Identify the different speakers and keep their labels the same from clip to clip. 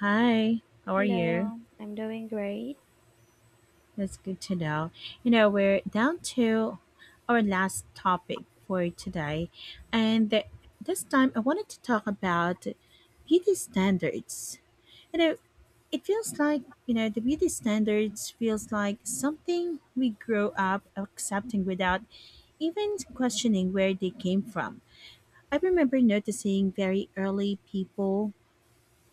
Speaker 1: Hi, how are you?
Speaker 2: Hello, I'm doing great.
Speaker 1: That's good to know. We're down to our last topic for today, and this time I wanted to talk about beauty standards. You know, it feels like, the beauty standards feels like something we grow up accepting without even questioning where they came from. I remember noticing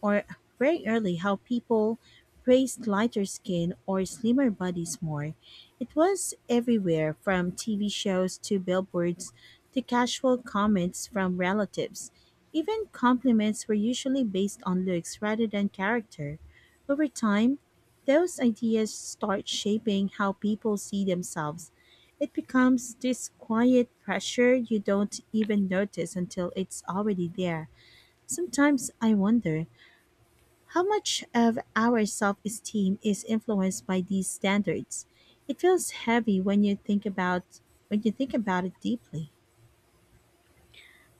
Speaker 1: or very early how people praised lighter skin or slimmer bodies more. It was everywhere from TV shows to billboards to casual comments from relatives. Even compliments were usually based on looks rather than character. Over time, those ideas start shaping how people see themselves. It becomes this quiet pressure you don't even notice until it's already there. Sometimes I wonder how much of our self esteem is influenced by these standards? It feels heavy when you think about it deeply.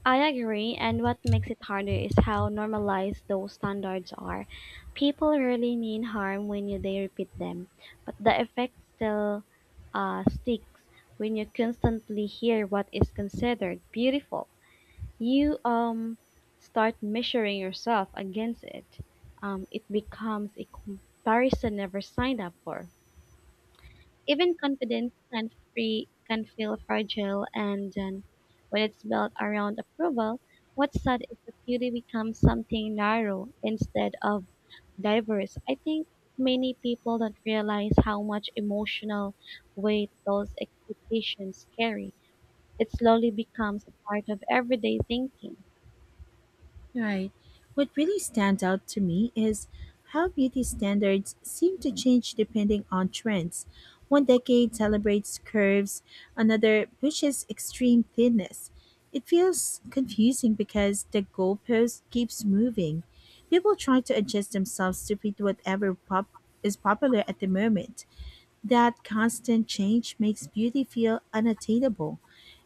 Speaker 2: I agree, and what makes it harder is how normalized those standards are. People rarely mean harm when you they repeat them, but the effect still sticks when you constantly hear what is considered beautiful. You start measuring yourself against it. It becomes a comparison never signed up for. Even confidence can feel fragile and then when it's built around approval, what's sad is that beauty becomes something narrow instead of diverse. I think many people don't realize how much emotional weight those expectations carry. It slowly becomes a part of everyday thinking.
Speaker 1: Right. What really stands out to me is how beauty standards seem to change depending on trends. One decade celebrates curves, another pushes extreme thinness. It feels confusing because the goalpost keeps moving. People try to adjust themselves to fit whatever pop is popular at the moment. That constant change makes beauty feel unattainable.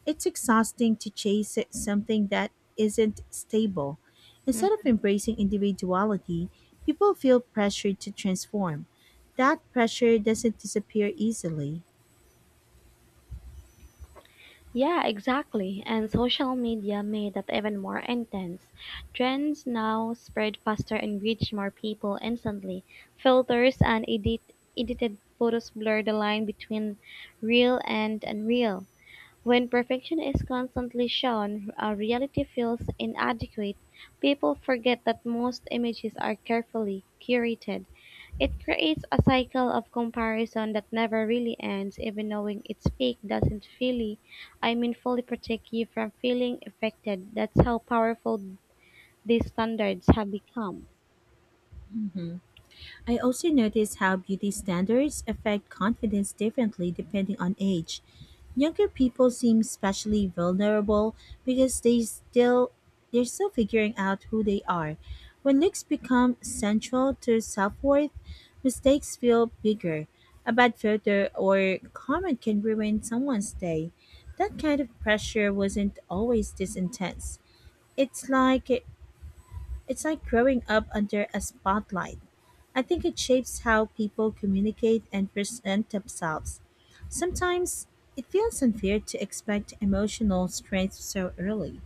Speaker 1: It's exhausting to chase something that isn't stable. Instead of
Speaker 2: Mhm.
Speaker 1: embracing individuality, people feel pressured to transform. That pressure doesn't disappear easily.
Speaker 2: Yeah, exactly. And social media made that even more intense. Trends now spread faster and reach more people instantly. Filters and edited photos blur the line between real and unreal. When perfection is constantly shown, reality feels inadequate. People forget that most images are carefully curated. It creates a cycle of comparison that never really ends, even knowing its peak doesn't really, I mean, fully protect you from feeling affected. That's how powerful these standards have become.
Speaker 1: I also notice how beauty standards affect confidence differently depending on age. Younger people seem especially vulnerable because they're still figuring out who they are. When looks become central to self-worth, mistakes feel bigger. A bad photo or comment can ruin someone's day. That kind of pressure wasn't always this intense. It's like it's like growing up under a spotlight. I think it shapes how people communicate and present themselves. Sometimes it feels unfair to expect emotional strength so early.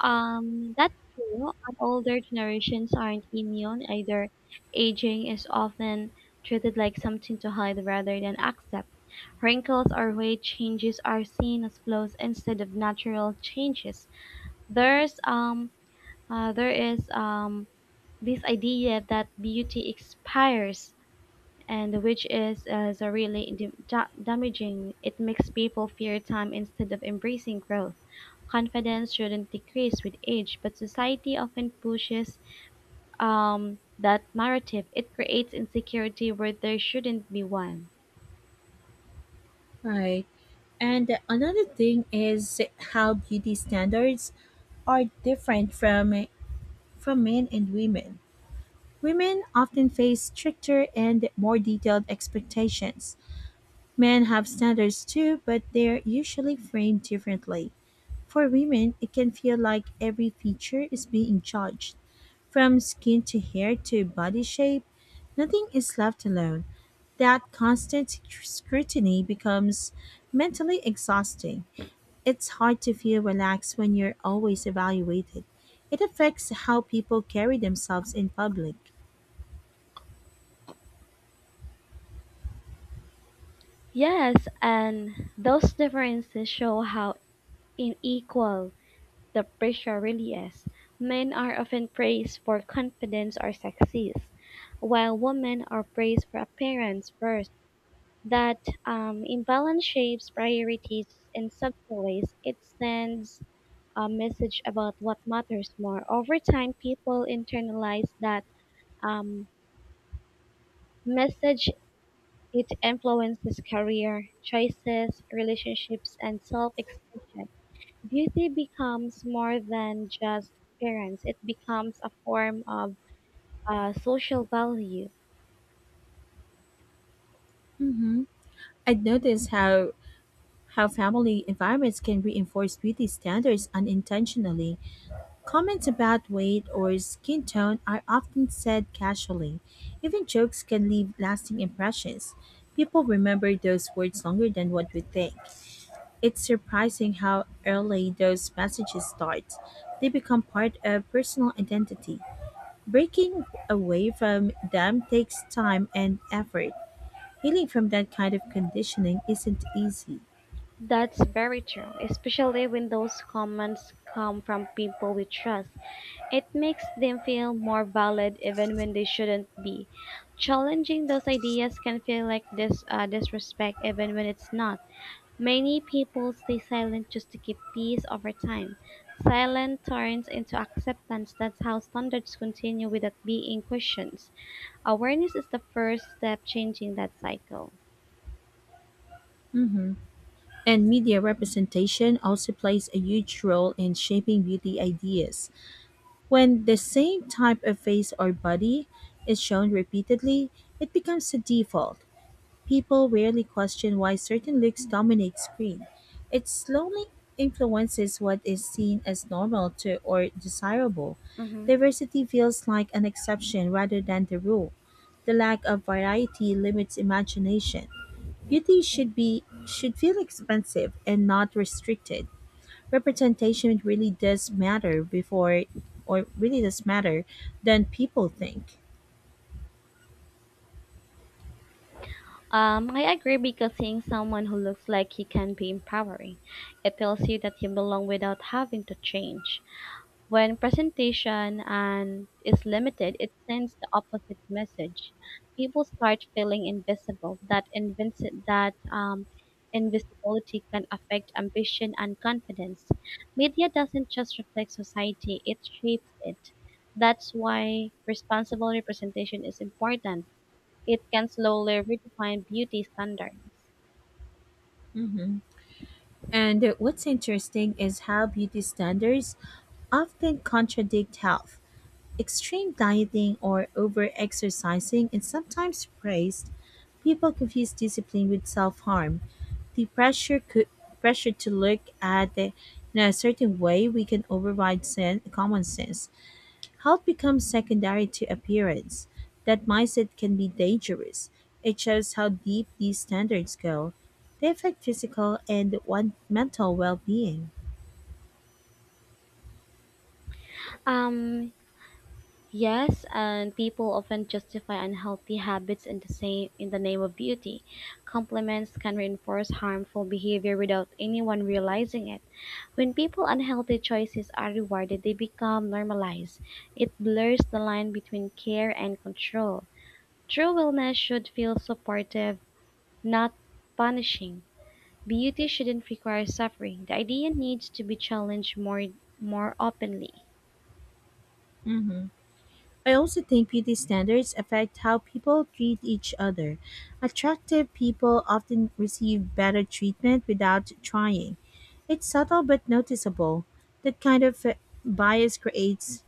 Speaker 2: That's true. And older generations aren't immune either. Aging is often treated like something to hide rather than accept. Wrinkles or weight changes are seen as flaws instead of natural changes. There's um there is this idea that beauty expires and which is a really damaging. It makes people fear time instead of embracing growth. Confidence shouldn't decrease with age, but society often pushes that narrative. It creates insecurity where there shouldn't be one.
Speaker 1: Right. And another thing is how beauty standards are different from men and women. Women often face stricter and more detailed expectations. Men have standards too, but they're usually framed differently. For women, it can feel like every feature is being judged. From skin to hair to body shape, nothing is left alone. That constant scrutiny becomes mentally exhausting. It's hard to feel relaxed when you're always evaluated. It affects how people carry themselves in public.
Speaker 2: Yes, and those differences show how unequal the pressure really is. Men are often praised for confidence or success, while women are praised for appearance first. That imbalance shapes priorities in subtle ways. It sends a message about what matters more. Over time, people internalize that um, message. It influences career choices, relationships, and self expression. Beauty becomes more than just appearance. It becomes a form of social value.
Speaker 1: Mm-hmm. I'd noticed how family environments can reinforce beauty standards unintentionally. Comments about weight or skin tone are often said casually. Even jokes can leave lasting impressions. People remember those words longer than what we think. It's surprising how early those messages start. They become part of personal identity. Breaking away from them takes time and effort. Healing from that kind of conditioning isn't easy.
Speaker 2: That's very true, especially when those comments come from people we trust. It makes them feel more valid even when they shouldn't be. Challenging those ideas can feel like disrespect even when it's not. Many people stay silent just to keep peace over time. Silence turns into acceptance. That's how standards continue without being questioned. Awareness is the first step changing that cycle.
Speaker 1: Mhm. And media representation also plays a huge role in shaping beauty ideas. When the same type of face or body is shown repeatedly, it becomes a default. People rarely question why certain looks dominate screen. It slowly influences what is seen as normal to or desirable.
Speaker 2: Mm-hmm.
Speaker 1: Diversity feels like an exception rather than the rule. The lack of variety limits imagination. Beauty should feel expensive and not restricted representation really does matter than people think.
Speaker 2: I agree because seeing someone who looks like he can be empowering. It tells you that you belong without having to change. When presentation and is limited, it sends the opposite message. People start feeling invisible. That invisibility can affect ambition and confidence. Media doesn't just reflect society; it shapes it. That's why responsible representation is important. It can slowly redefine beauty standards.
Speaker 1: Hmm. And what's interesting is how beauty standards often contradict health. Extreme dieting or over exercising is sometimes praised. People confuse discipline with self harm. The pressure could pressure to look at the, in a certain way we can override common sense. Health becomes secondary to appearance. That mindset can be dangerous. It shows how deep these standards go. They affect physical and one mental well-being.
Speaker 2: Um, Yes, and people often justify unhealthy habits in the same in the name of beauty. Compliments can reinforce harmful behavior without anyone realizing it. When people unhealthy choices are rewarded, they become normalized. It blurs the line between care and control. True wellness should feel supportive, not punishing. Beauty shouldn't require suffering. The idea needs to be challenged more openly.
Speaker 1: I also think beauty standards affect how people treat each other. Attractive people often receive better treatment without trying. It's subtle but noticeable. That kind of bias creates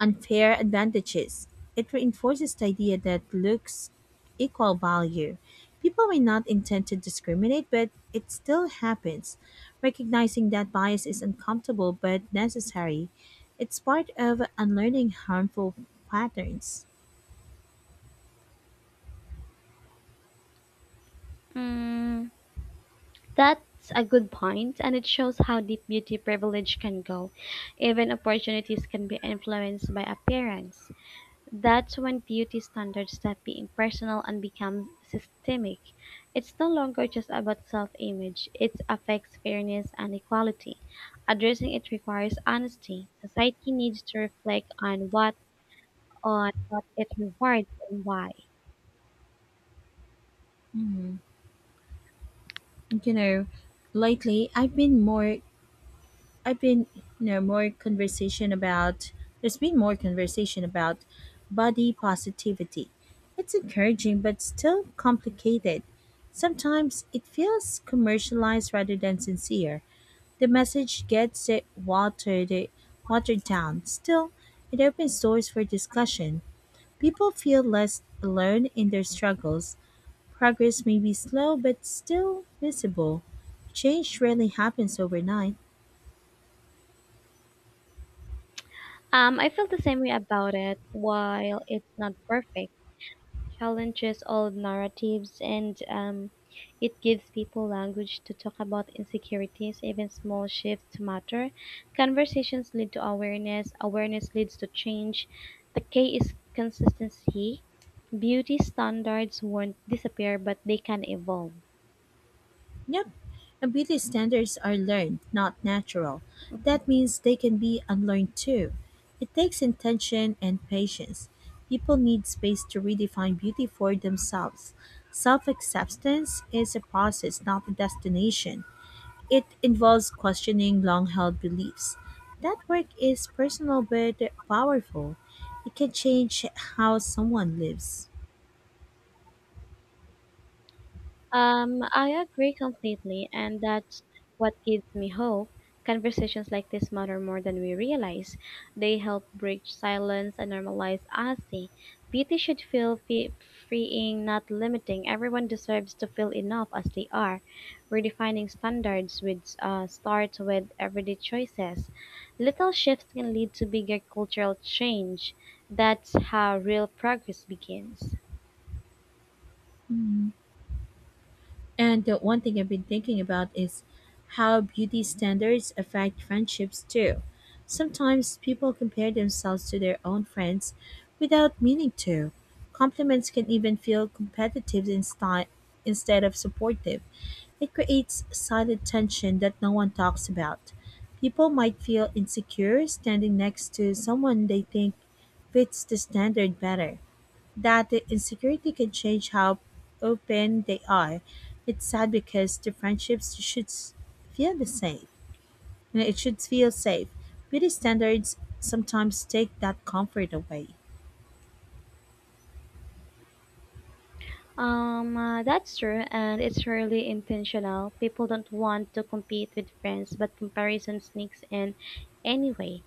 Speaker 1: unfair advantages. It reinforces the idea that looks equal value. People may not intend to discriminate, but it still happens. Recognizing that bias is uncomfortable but necessary, it's part of unlearning harmful patterns.
Speaker 2: Mm. That's a good point, and it shows how deep beauty privilege can go. Even opportunities can be influenced by appearance. That's when beauty standards stop being personal and become systemic. It's no longer just about self image, it affects fairness and equality. Addressing it requires honesty. Society needs to reflect on what it rewards and why.
Speaker 1: And lately I've been, you know, more conversation about, there's been more conversation about body positivity. It's encouraging, but still complicated. Sometimes it feels commercialized rather than sincere. The message watered down. Still, it opens doors for discussion. People feel less alone in their struggles. Progress may be slow, but still visible. Change rarely happens overnight.
Speaker 2: I feel the same way about it. While it's not perfect, challenges old narratives and it gives people language to talk about insecurities. Even small shifts matter. Conversations lead to awareness. Awareness leads to change. The key is consistency. Beauty standards won't disappear, but they can evolve.
Speaker 1: Yep, and beauty standards are learned, not natural. That means they can be unlearned too. It takes intention and patience. People need space to redefine beauty for themselves. Self acceptance is a process, not a destination. It involves questioning long held beliefs. That work is personal but powerful. It can change how someone lives.
Speaker 2: I agree completely, and that's what gives me hope. Conversations like this matter more than we realize. They help bridge silence and normalize honesty. Beauty should feel freeing, not limiting. Everyone deserves to feel enough as they are. Redefining standards with starts with everyday choices. Little shifts can lead to bigger cultural change. That's how real progress begins.
Speaker 1: Mhm. And the one thing I've been thinking about is how beauty standards affect friendships too. Sometimes people compare themselves to their own friends without meaning to. Compliments can even feel competitive instead of supportive. It creates silent tension that no one talks about. People might feel insecure standing next to someone they think fits the standard better that the insecurity can change how open they are. It's sad because the friendships feel the same, it should feel safe. Beauty standards sometimes take that comfort away.
Speaker 2: That's true, and it's rarely intentional. People don't want to compete with friends, but comparison sneaks in anyway.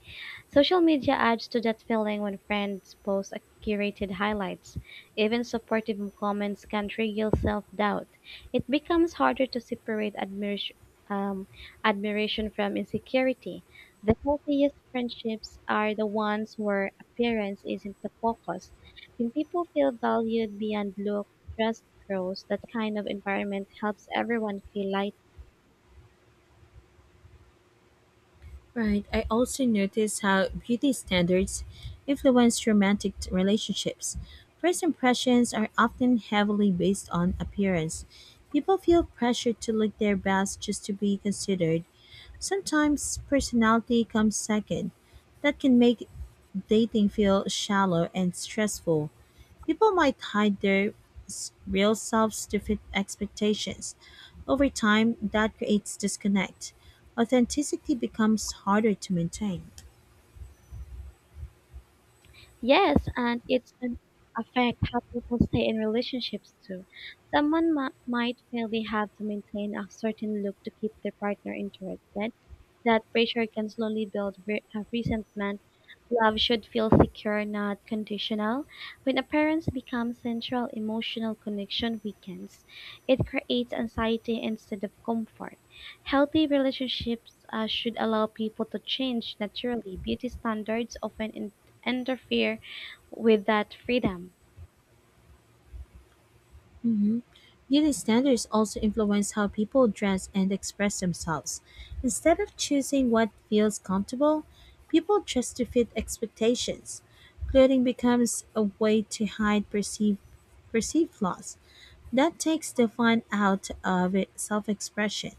Speaker 2: Social media adds to that feeling when friends post a curated highlights. Even supportive comments can trigger self-doubt. It becomes harder to separate admiration, um, admiration from insecurity. The healthiest friendships are the ones where appearance isn't the focus. When people feel valued beyond look, trust grows. That kind of environment helps everyone feel lighter.
Speaker 1: Right. I also notice how beauty standards influence romantic relationships. First impressions are often heavily based on appearance. People feel pressured to look their best just to be considered. Sometimes personality comes second. That can make dating feel shallow and stressful. People might hide their real selves to fit expectations. Over time, that creates disconnect. Authenticity becomes harder to maintain.
Speaker 2: Yes, and it's an affect how people stay in relationships too. Someone might feel they have to maintain a certain look to keep their partner interested. That pressure can slowly build resentment. Love should feel secure, not conditional. When appearance becomes central, emotional connection weakens. It creates anxiety instead of comfort. Healthy relationships should allow people to change naturally. Beauty standards often interfere with that freedom.
Speaker 1: Mhm. Beauty standards also influence how people dress and express themselves. Instead of choosing what feels comfortable, people dress to fit expectations. Clothing becomes a way to hide perceived flaws. That takes the fun out of self-expression.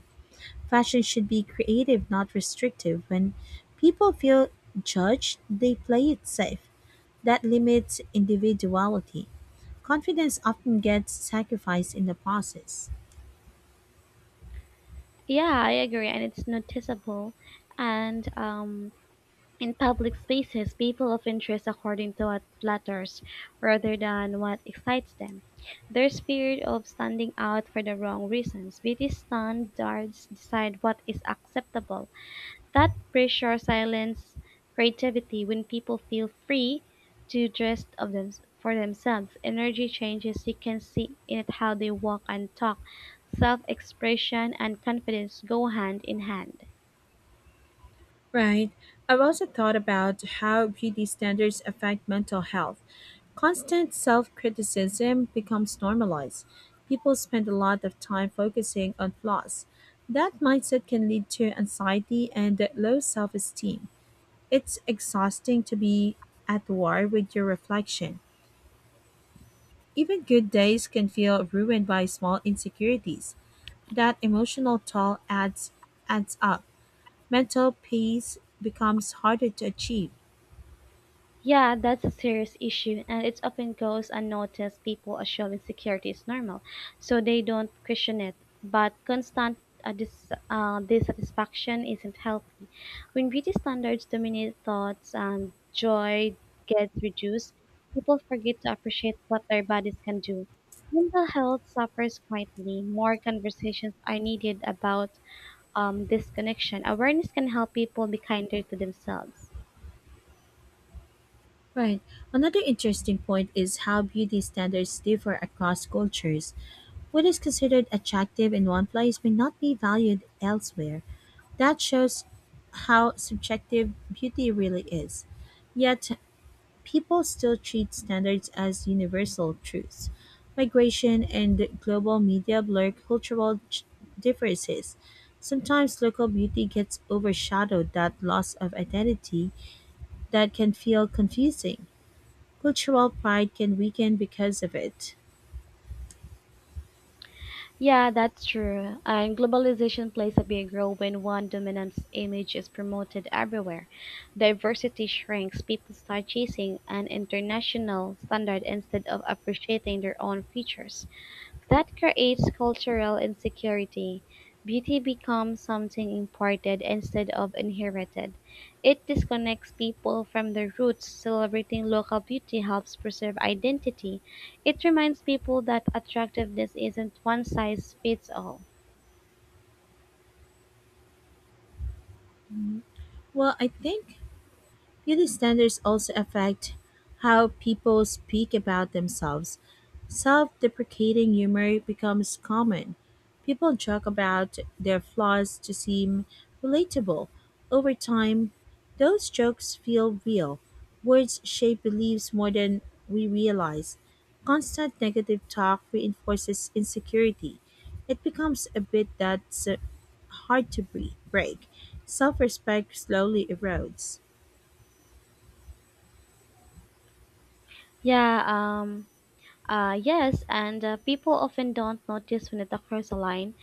Speaker 1: Fashion should be creative, not restrictive. When people feel judged, they play it safe that limits individuality. Confidence often gets sacrificed in the process.
Speaker 2: Yeah, I agree, and it's noticeable. And in public spaces, people of interest according to what flatters rather than what excites them. There's fear of standing out for the wrong reasons. Beauty standards decide what is acceptable. That pressure silences creativity. When people feel free to dress for themselves. Energy changes, you can see in it how they walk and talk. Self expression and confidence go hand in hand.
Speaker 1: Right. I've also thought about how beauty standards affect mental health. Constant self criticism becomes normalized. People spend a lot of time focusing on flaws. That mindset can lead to anxiety and low self esteem. It's exhausting to be at war with your reflection. Even good days can feel ruined by small insecurities. That emotional toll adds up. Mental peace becomes harder to achieve.
Speaker 2: Yeah, that's a serious issue, and it often goes unnoticed. People assume insecurity is normal, so they don't question it. But constant dissatisfaction isn't healthy. When beauty standards dominate thoughts and joy gets reduced, people forget to appreciate what their bodies can do. Mental health suffers quietly. More conversations are needed about this connection. Awareness can help people be kinder to themselves.
Speaker 1: Right. Another interesting point is how beauty standards differ across cultures. What is considered attractive in one place may not be valued elsewhere. That shows how subjective beauty really is. Yet, people still treat standards as universal truths. Migration and global media blur cultural differences. Sometimes local beauty gets overshadowed that loss of identity that can feel confusing. Cultural pride can weaken because of it.
Speaker 2: Yeah, that's true. And globalization plays a big role when one dominant image is promoted everywhere. Diversity shrinks, people start chasing an international standard instead of appreciating their own features. That creates cultural insecurity. Beauty becomes something imported instead of inherited. It disconnects people from their roots. Celebrating local beauty helps preserve identity. It reminds people that attractiveness isn't one size fits all.
Speaker 1: Well, I think beauty standards also affect how people speak about themselves. Self deprecating humor becomes common. People joke about their flaws to seem relatable. Over time, those jokes feel real. Words shape beliefs more than we realize. Constant negative talk reinforces insecurity. It becomes a bit that's hard to break. Self respect slowly erodes.
Speaker 2: Yeah, um, yes, and people often don't notice when it occurs online.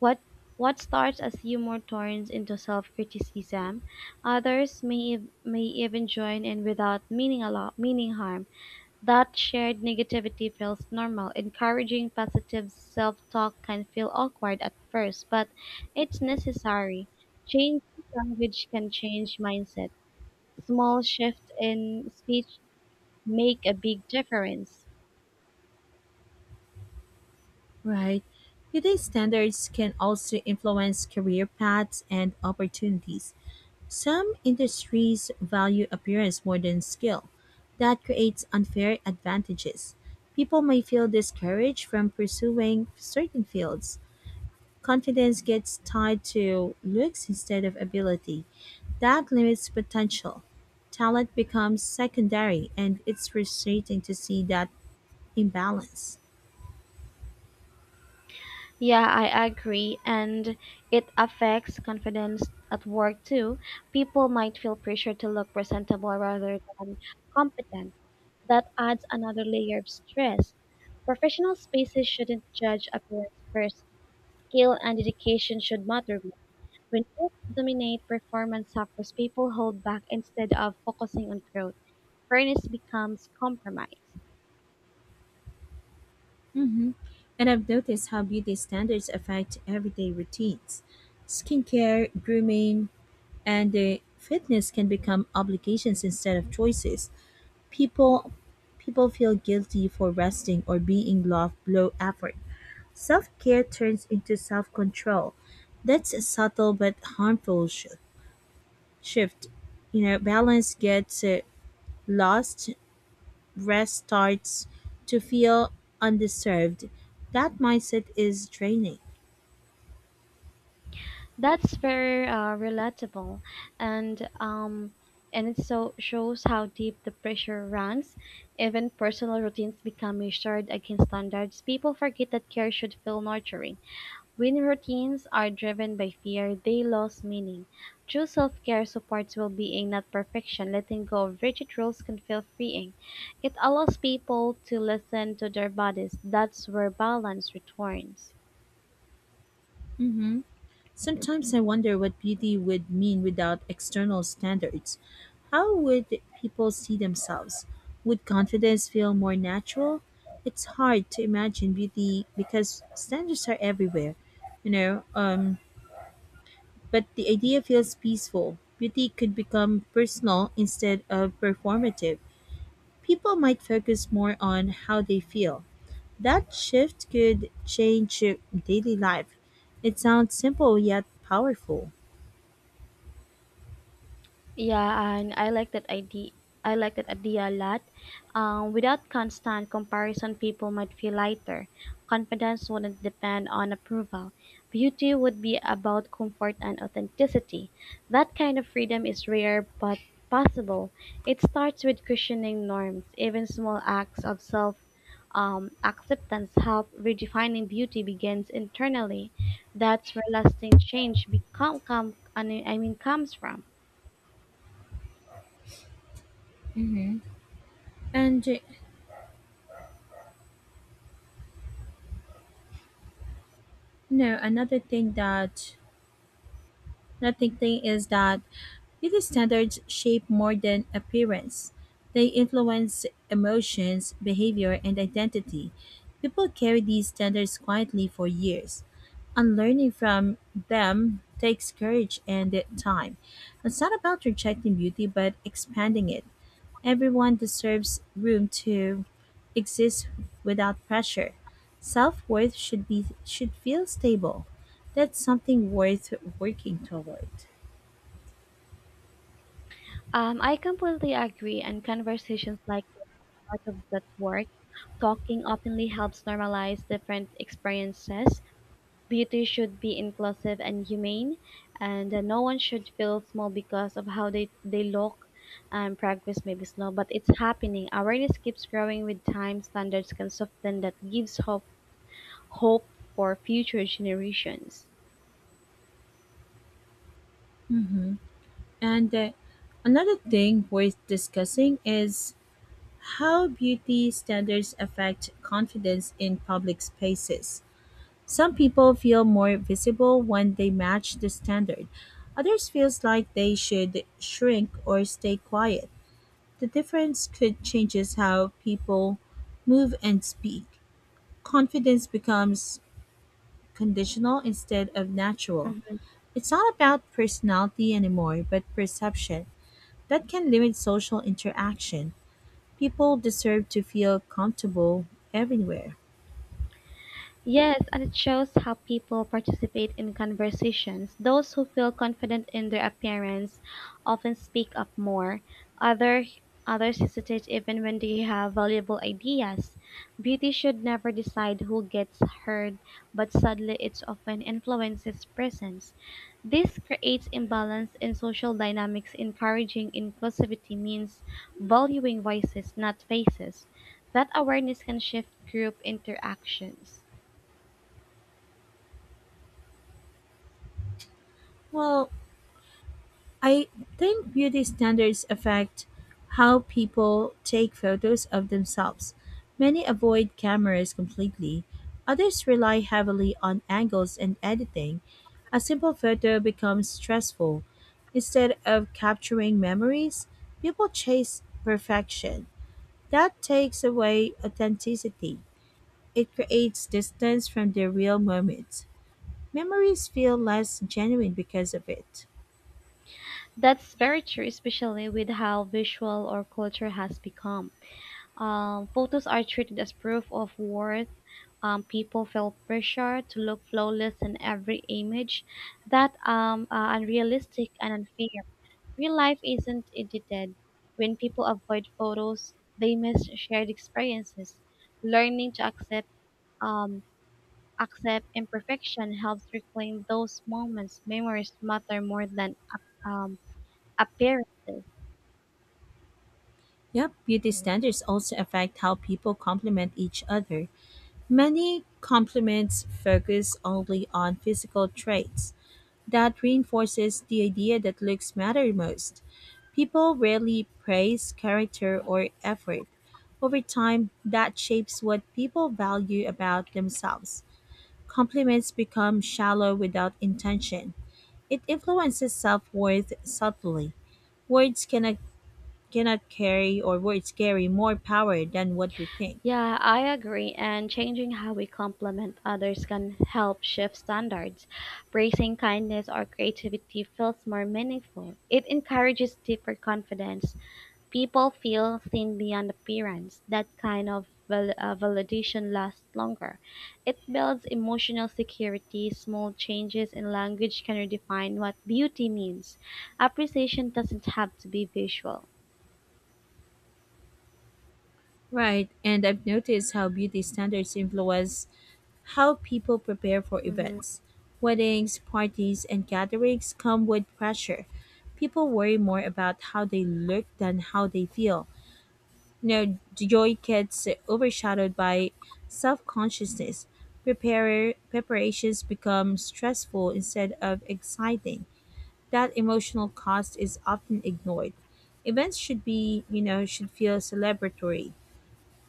Speaker 2: What what starts as humor turns into self-criticism. Others may even join in without meaning meaning harm. That shared negativity feels normal. Encouraging positive self-talk can feel awkward at first, but it's necessary. Changing language can change mindset. Small shifts in speech make a big difference.
Speaker 1: Right. Today's standards can also influence career paths and opportunities. Some industries value appearance more than skill. That creates unfair advantages. People may feel discouraged from pursuing certain fields. Confidence gets tied to looks instead of ability. That limits potential. Talent becomes secondary, and it's frustrating to see that imbalance.
Speaker 2: Yeah, I agree. And it affects confidence at work too. People might feel pressure to look presentable rather than competent. That adds another layer of stress. Professional spaces shouldn't judge appearance first. Skill and dedication should matter more. When both dominate, performance suffers. People hold back instead of focusing on growth. Fairness becomes compromise.
Speaker 1: Hmm. And I've noticed how beauty standards affect everyday routines skincare, grooming, and fitness can become obligations instead of choices. People people feel guilty for resting or being low effort. Self-care turns into self-control. That's a subtle but harmful shift. Balance gets lost, rest starts to feel undeserved. That mindset is draining.
Speaker 2: That's very relatable, and and it so shows how deep the pressure runs. Even personal routines become measured against standards. People forget that care should feel nurturing. When routines are driven by fear, they lose meaning. True self-care supports well-being, not perfection. Letting go of rigid rules can feel freeing. It allows people to listen to their bodies. That's where balance returns.
Speaker 1: Mhm. Sometimes I wonder what beauty would mean without external standards. How would people see themselves? Would confidence feel more natural? It's hard to imagine beauty because standards are everywhere, you know. Um, but the idea feels peaceful. Beauty could become personal instead of performative. People might focus more on how they feel. That shift could change daily life. It sounds simple yet powerful.
Speaker 2: Yeah, and I like that idea. I like that idea a lot. Without constant comparison, people might feel lighter. Confidence wouldn't depend on approval. Beauty would be about comfort and authenticity. That kind of freedom is rare but possible. It starts with questioning norms. Even small acts of self acceptance help. Redefining beauty begins internally. That's where lasting change become come. I mean comes from.
Speaker 1: And No, another thing is that beauty standards shape more than appearance. They influence emotions, behavior, and identity. People carry these standards quietly for years. Unlearning from them takes courage and time. It's not about rejecting beauty, but expanding it. Everyone deserves room to exist without pressure. Self-worth should be should feel stable. That's something worth working toward.
Speaker 2: I completely agree, and conversations like this are part of that work. Talking openly helps normalize different experiences. Beauty should be inclusive and humane, and no one should feel small because of how they look. Progress may be slow, but it's happening. Awareness keeps growing with time. Standards can soften. That gives hope for future generations.
Speaker 1: Mm-hmm. And another thing worth discussing is how beauty standards affect confidence in public spaces. Some people feel more visible when they match the standard. Others feels like they should shrink or stay quiet. The difference could changes how people move and speak. Confidence becomes conditional instead of natural.
Speaker 2: Mhm.
Speaker 1: It's not about personality anymore, but perception. That can limit social interaction. People deserve to feel comfortable everywhere.
Speaker 2: Yes, and it shows how people participate in conversations. Those who feel confident in their appearance often speak up more. Other others hesitate even when they have valuable ideas. Beauty should never decide who gets heard, but sadly it often influences presence. This creates imbalance in social dynamics. Encouraging inclusivity means valuing voices, not faces. That awareness can shift group interactions.
Speaker 1: Well, I think beauty standards affect how people take photos of themselves. Many avoid cameras completely, others rely heavily on angles and editing. A simple photo becomes stressful. Instead of capturing memories, people chase perfection. That takes away authenticity. It creates distance from the real moments. Memories feel less genuine because of it.
Speaker 2: That's very true, especially with how visual our culture has become. Photos are treated as proof of worth. People feel pressure to look flawless in every image. That unrealistic and unfair. Real life isn't edited. When people avoid photos, they miss shared experiences. Learning to um, accept imperfection helps reclaim those moments. Memories matter more than appearances.
Speaker 1: Yep, beauty standards also affect how people compliment each other. Many compliments focus only on physical traits. That reinforces the idea that looks matter most. People rarely praise character or effort. Over time, that shapes what people value about themselves. Compliments become shallow without intention. It influences self worth subtly. Words cannot cannot carry or words carry more power than what we think.
Speaker 2: Yeah, I agree. And changing how we compliment others can help shift standards. Praising kindness or creativity feels more meaningful. It encourages deeper confidence. People feel seen beyond appearance. That kind of validation lasts longer. It builds emotional security. Small changes in language can redefine what beauty means. Appreciation doesn't have to be visual.
Speaker 1: Right, and I've noticed how beauty standards influence how people prepare for
Speaker 2: Mm-hmm.
Speaker 1: events. Weddings, parties, and gatherings come with pressure. People worry more about how they look than how they feel. Joy gets overshadowed by self consciousness. Preparations become stressful instead of exciting. That emotional cost is often ignored. Events should be, you know, should feel celebratory.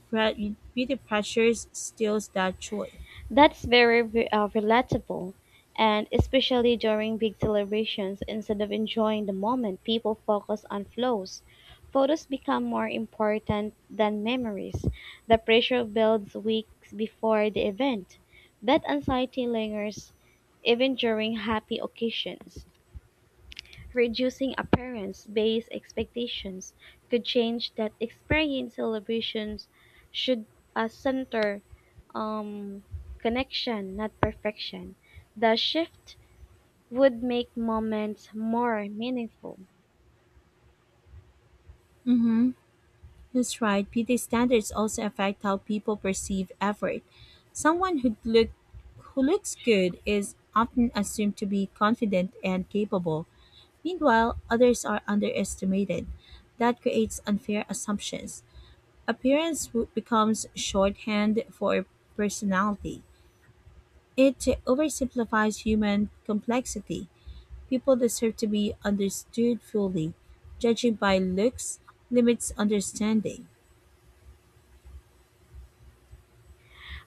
Speaker 1: Beauty pressures steals that joy.
Speaker 2: That's very relatable, and especially during big celebrations, instead of enjoying the moment, people focus on flows. Photos become more important than memories. The pressure builds weeks before the event. That anxiety lingers even during happy occasions. Reducing appearance-based expectations could change that experience. Celebrations should center um, connection, not perfection. The shift would make moments more meaningful.
Speaker 1: Mm-hmm. That's right. Beauty standards also affect how people perceive effort. Someone who look who looks good is often assumed to be confident and capable. Meanwhile, others are underestimated. That creates unfair assumptions. Appearance becomes shorthand for personality. It oversimplifies human complexity. People deserve to be understood fully. Judging by looks limits understanding.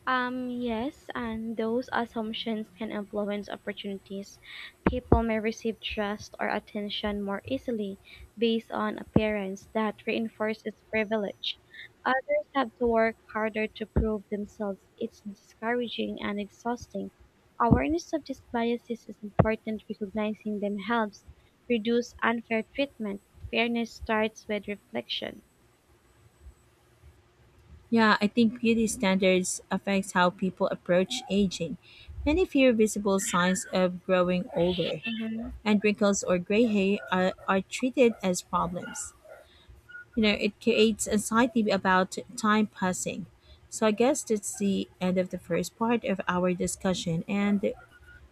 Speaker 2: Yes, and those assumptions can influence opportunities. People may receive trust or attention more easily based on appearance that reinforces privilege. Others have to work harder to prove themselves. It's discouraging and exhausting. Awareness of these biases is important. Recognizing them helps reduce unfair treatment. Fairness starts with reflection.
Speaker 1: Yeah, I think beauty standards affects how people approach aging. Many fear visible signs of growing older,
Speaker 2: Hmm.
Speaker 1: and wrinkles or gray are treated as problems. It creates anxiety about time passing. So I guess that's the end of the first part of our discussion, and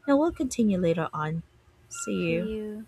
Speaker 1: now we'll continue later on. See you.
Speaker 2: See you.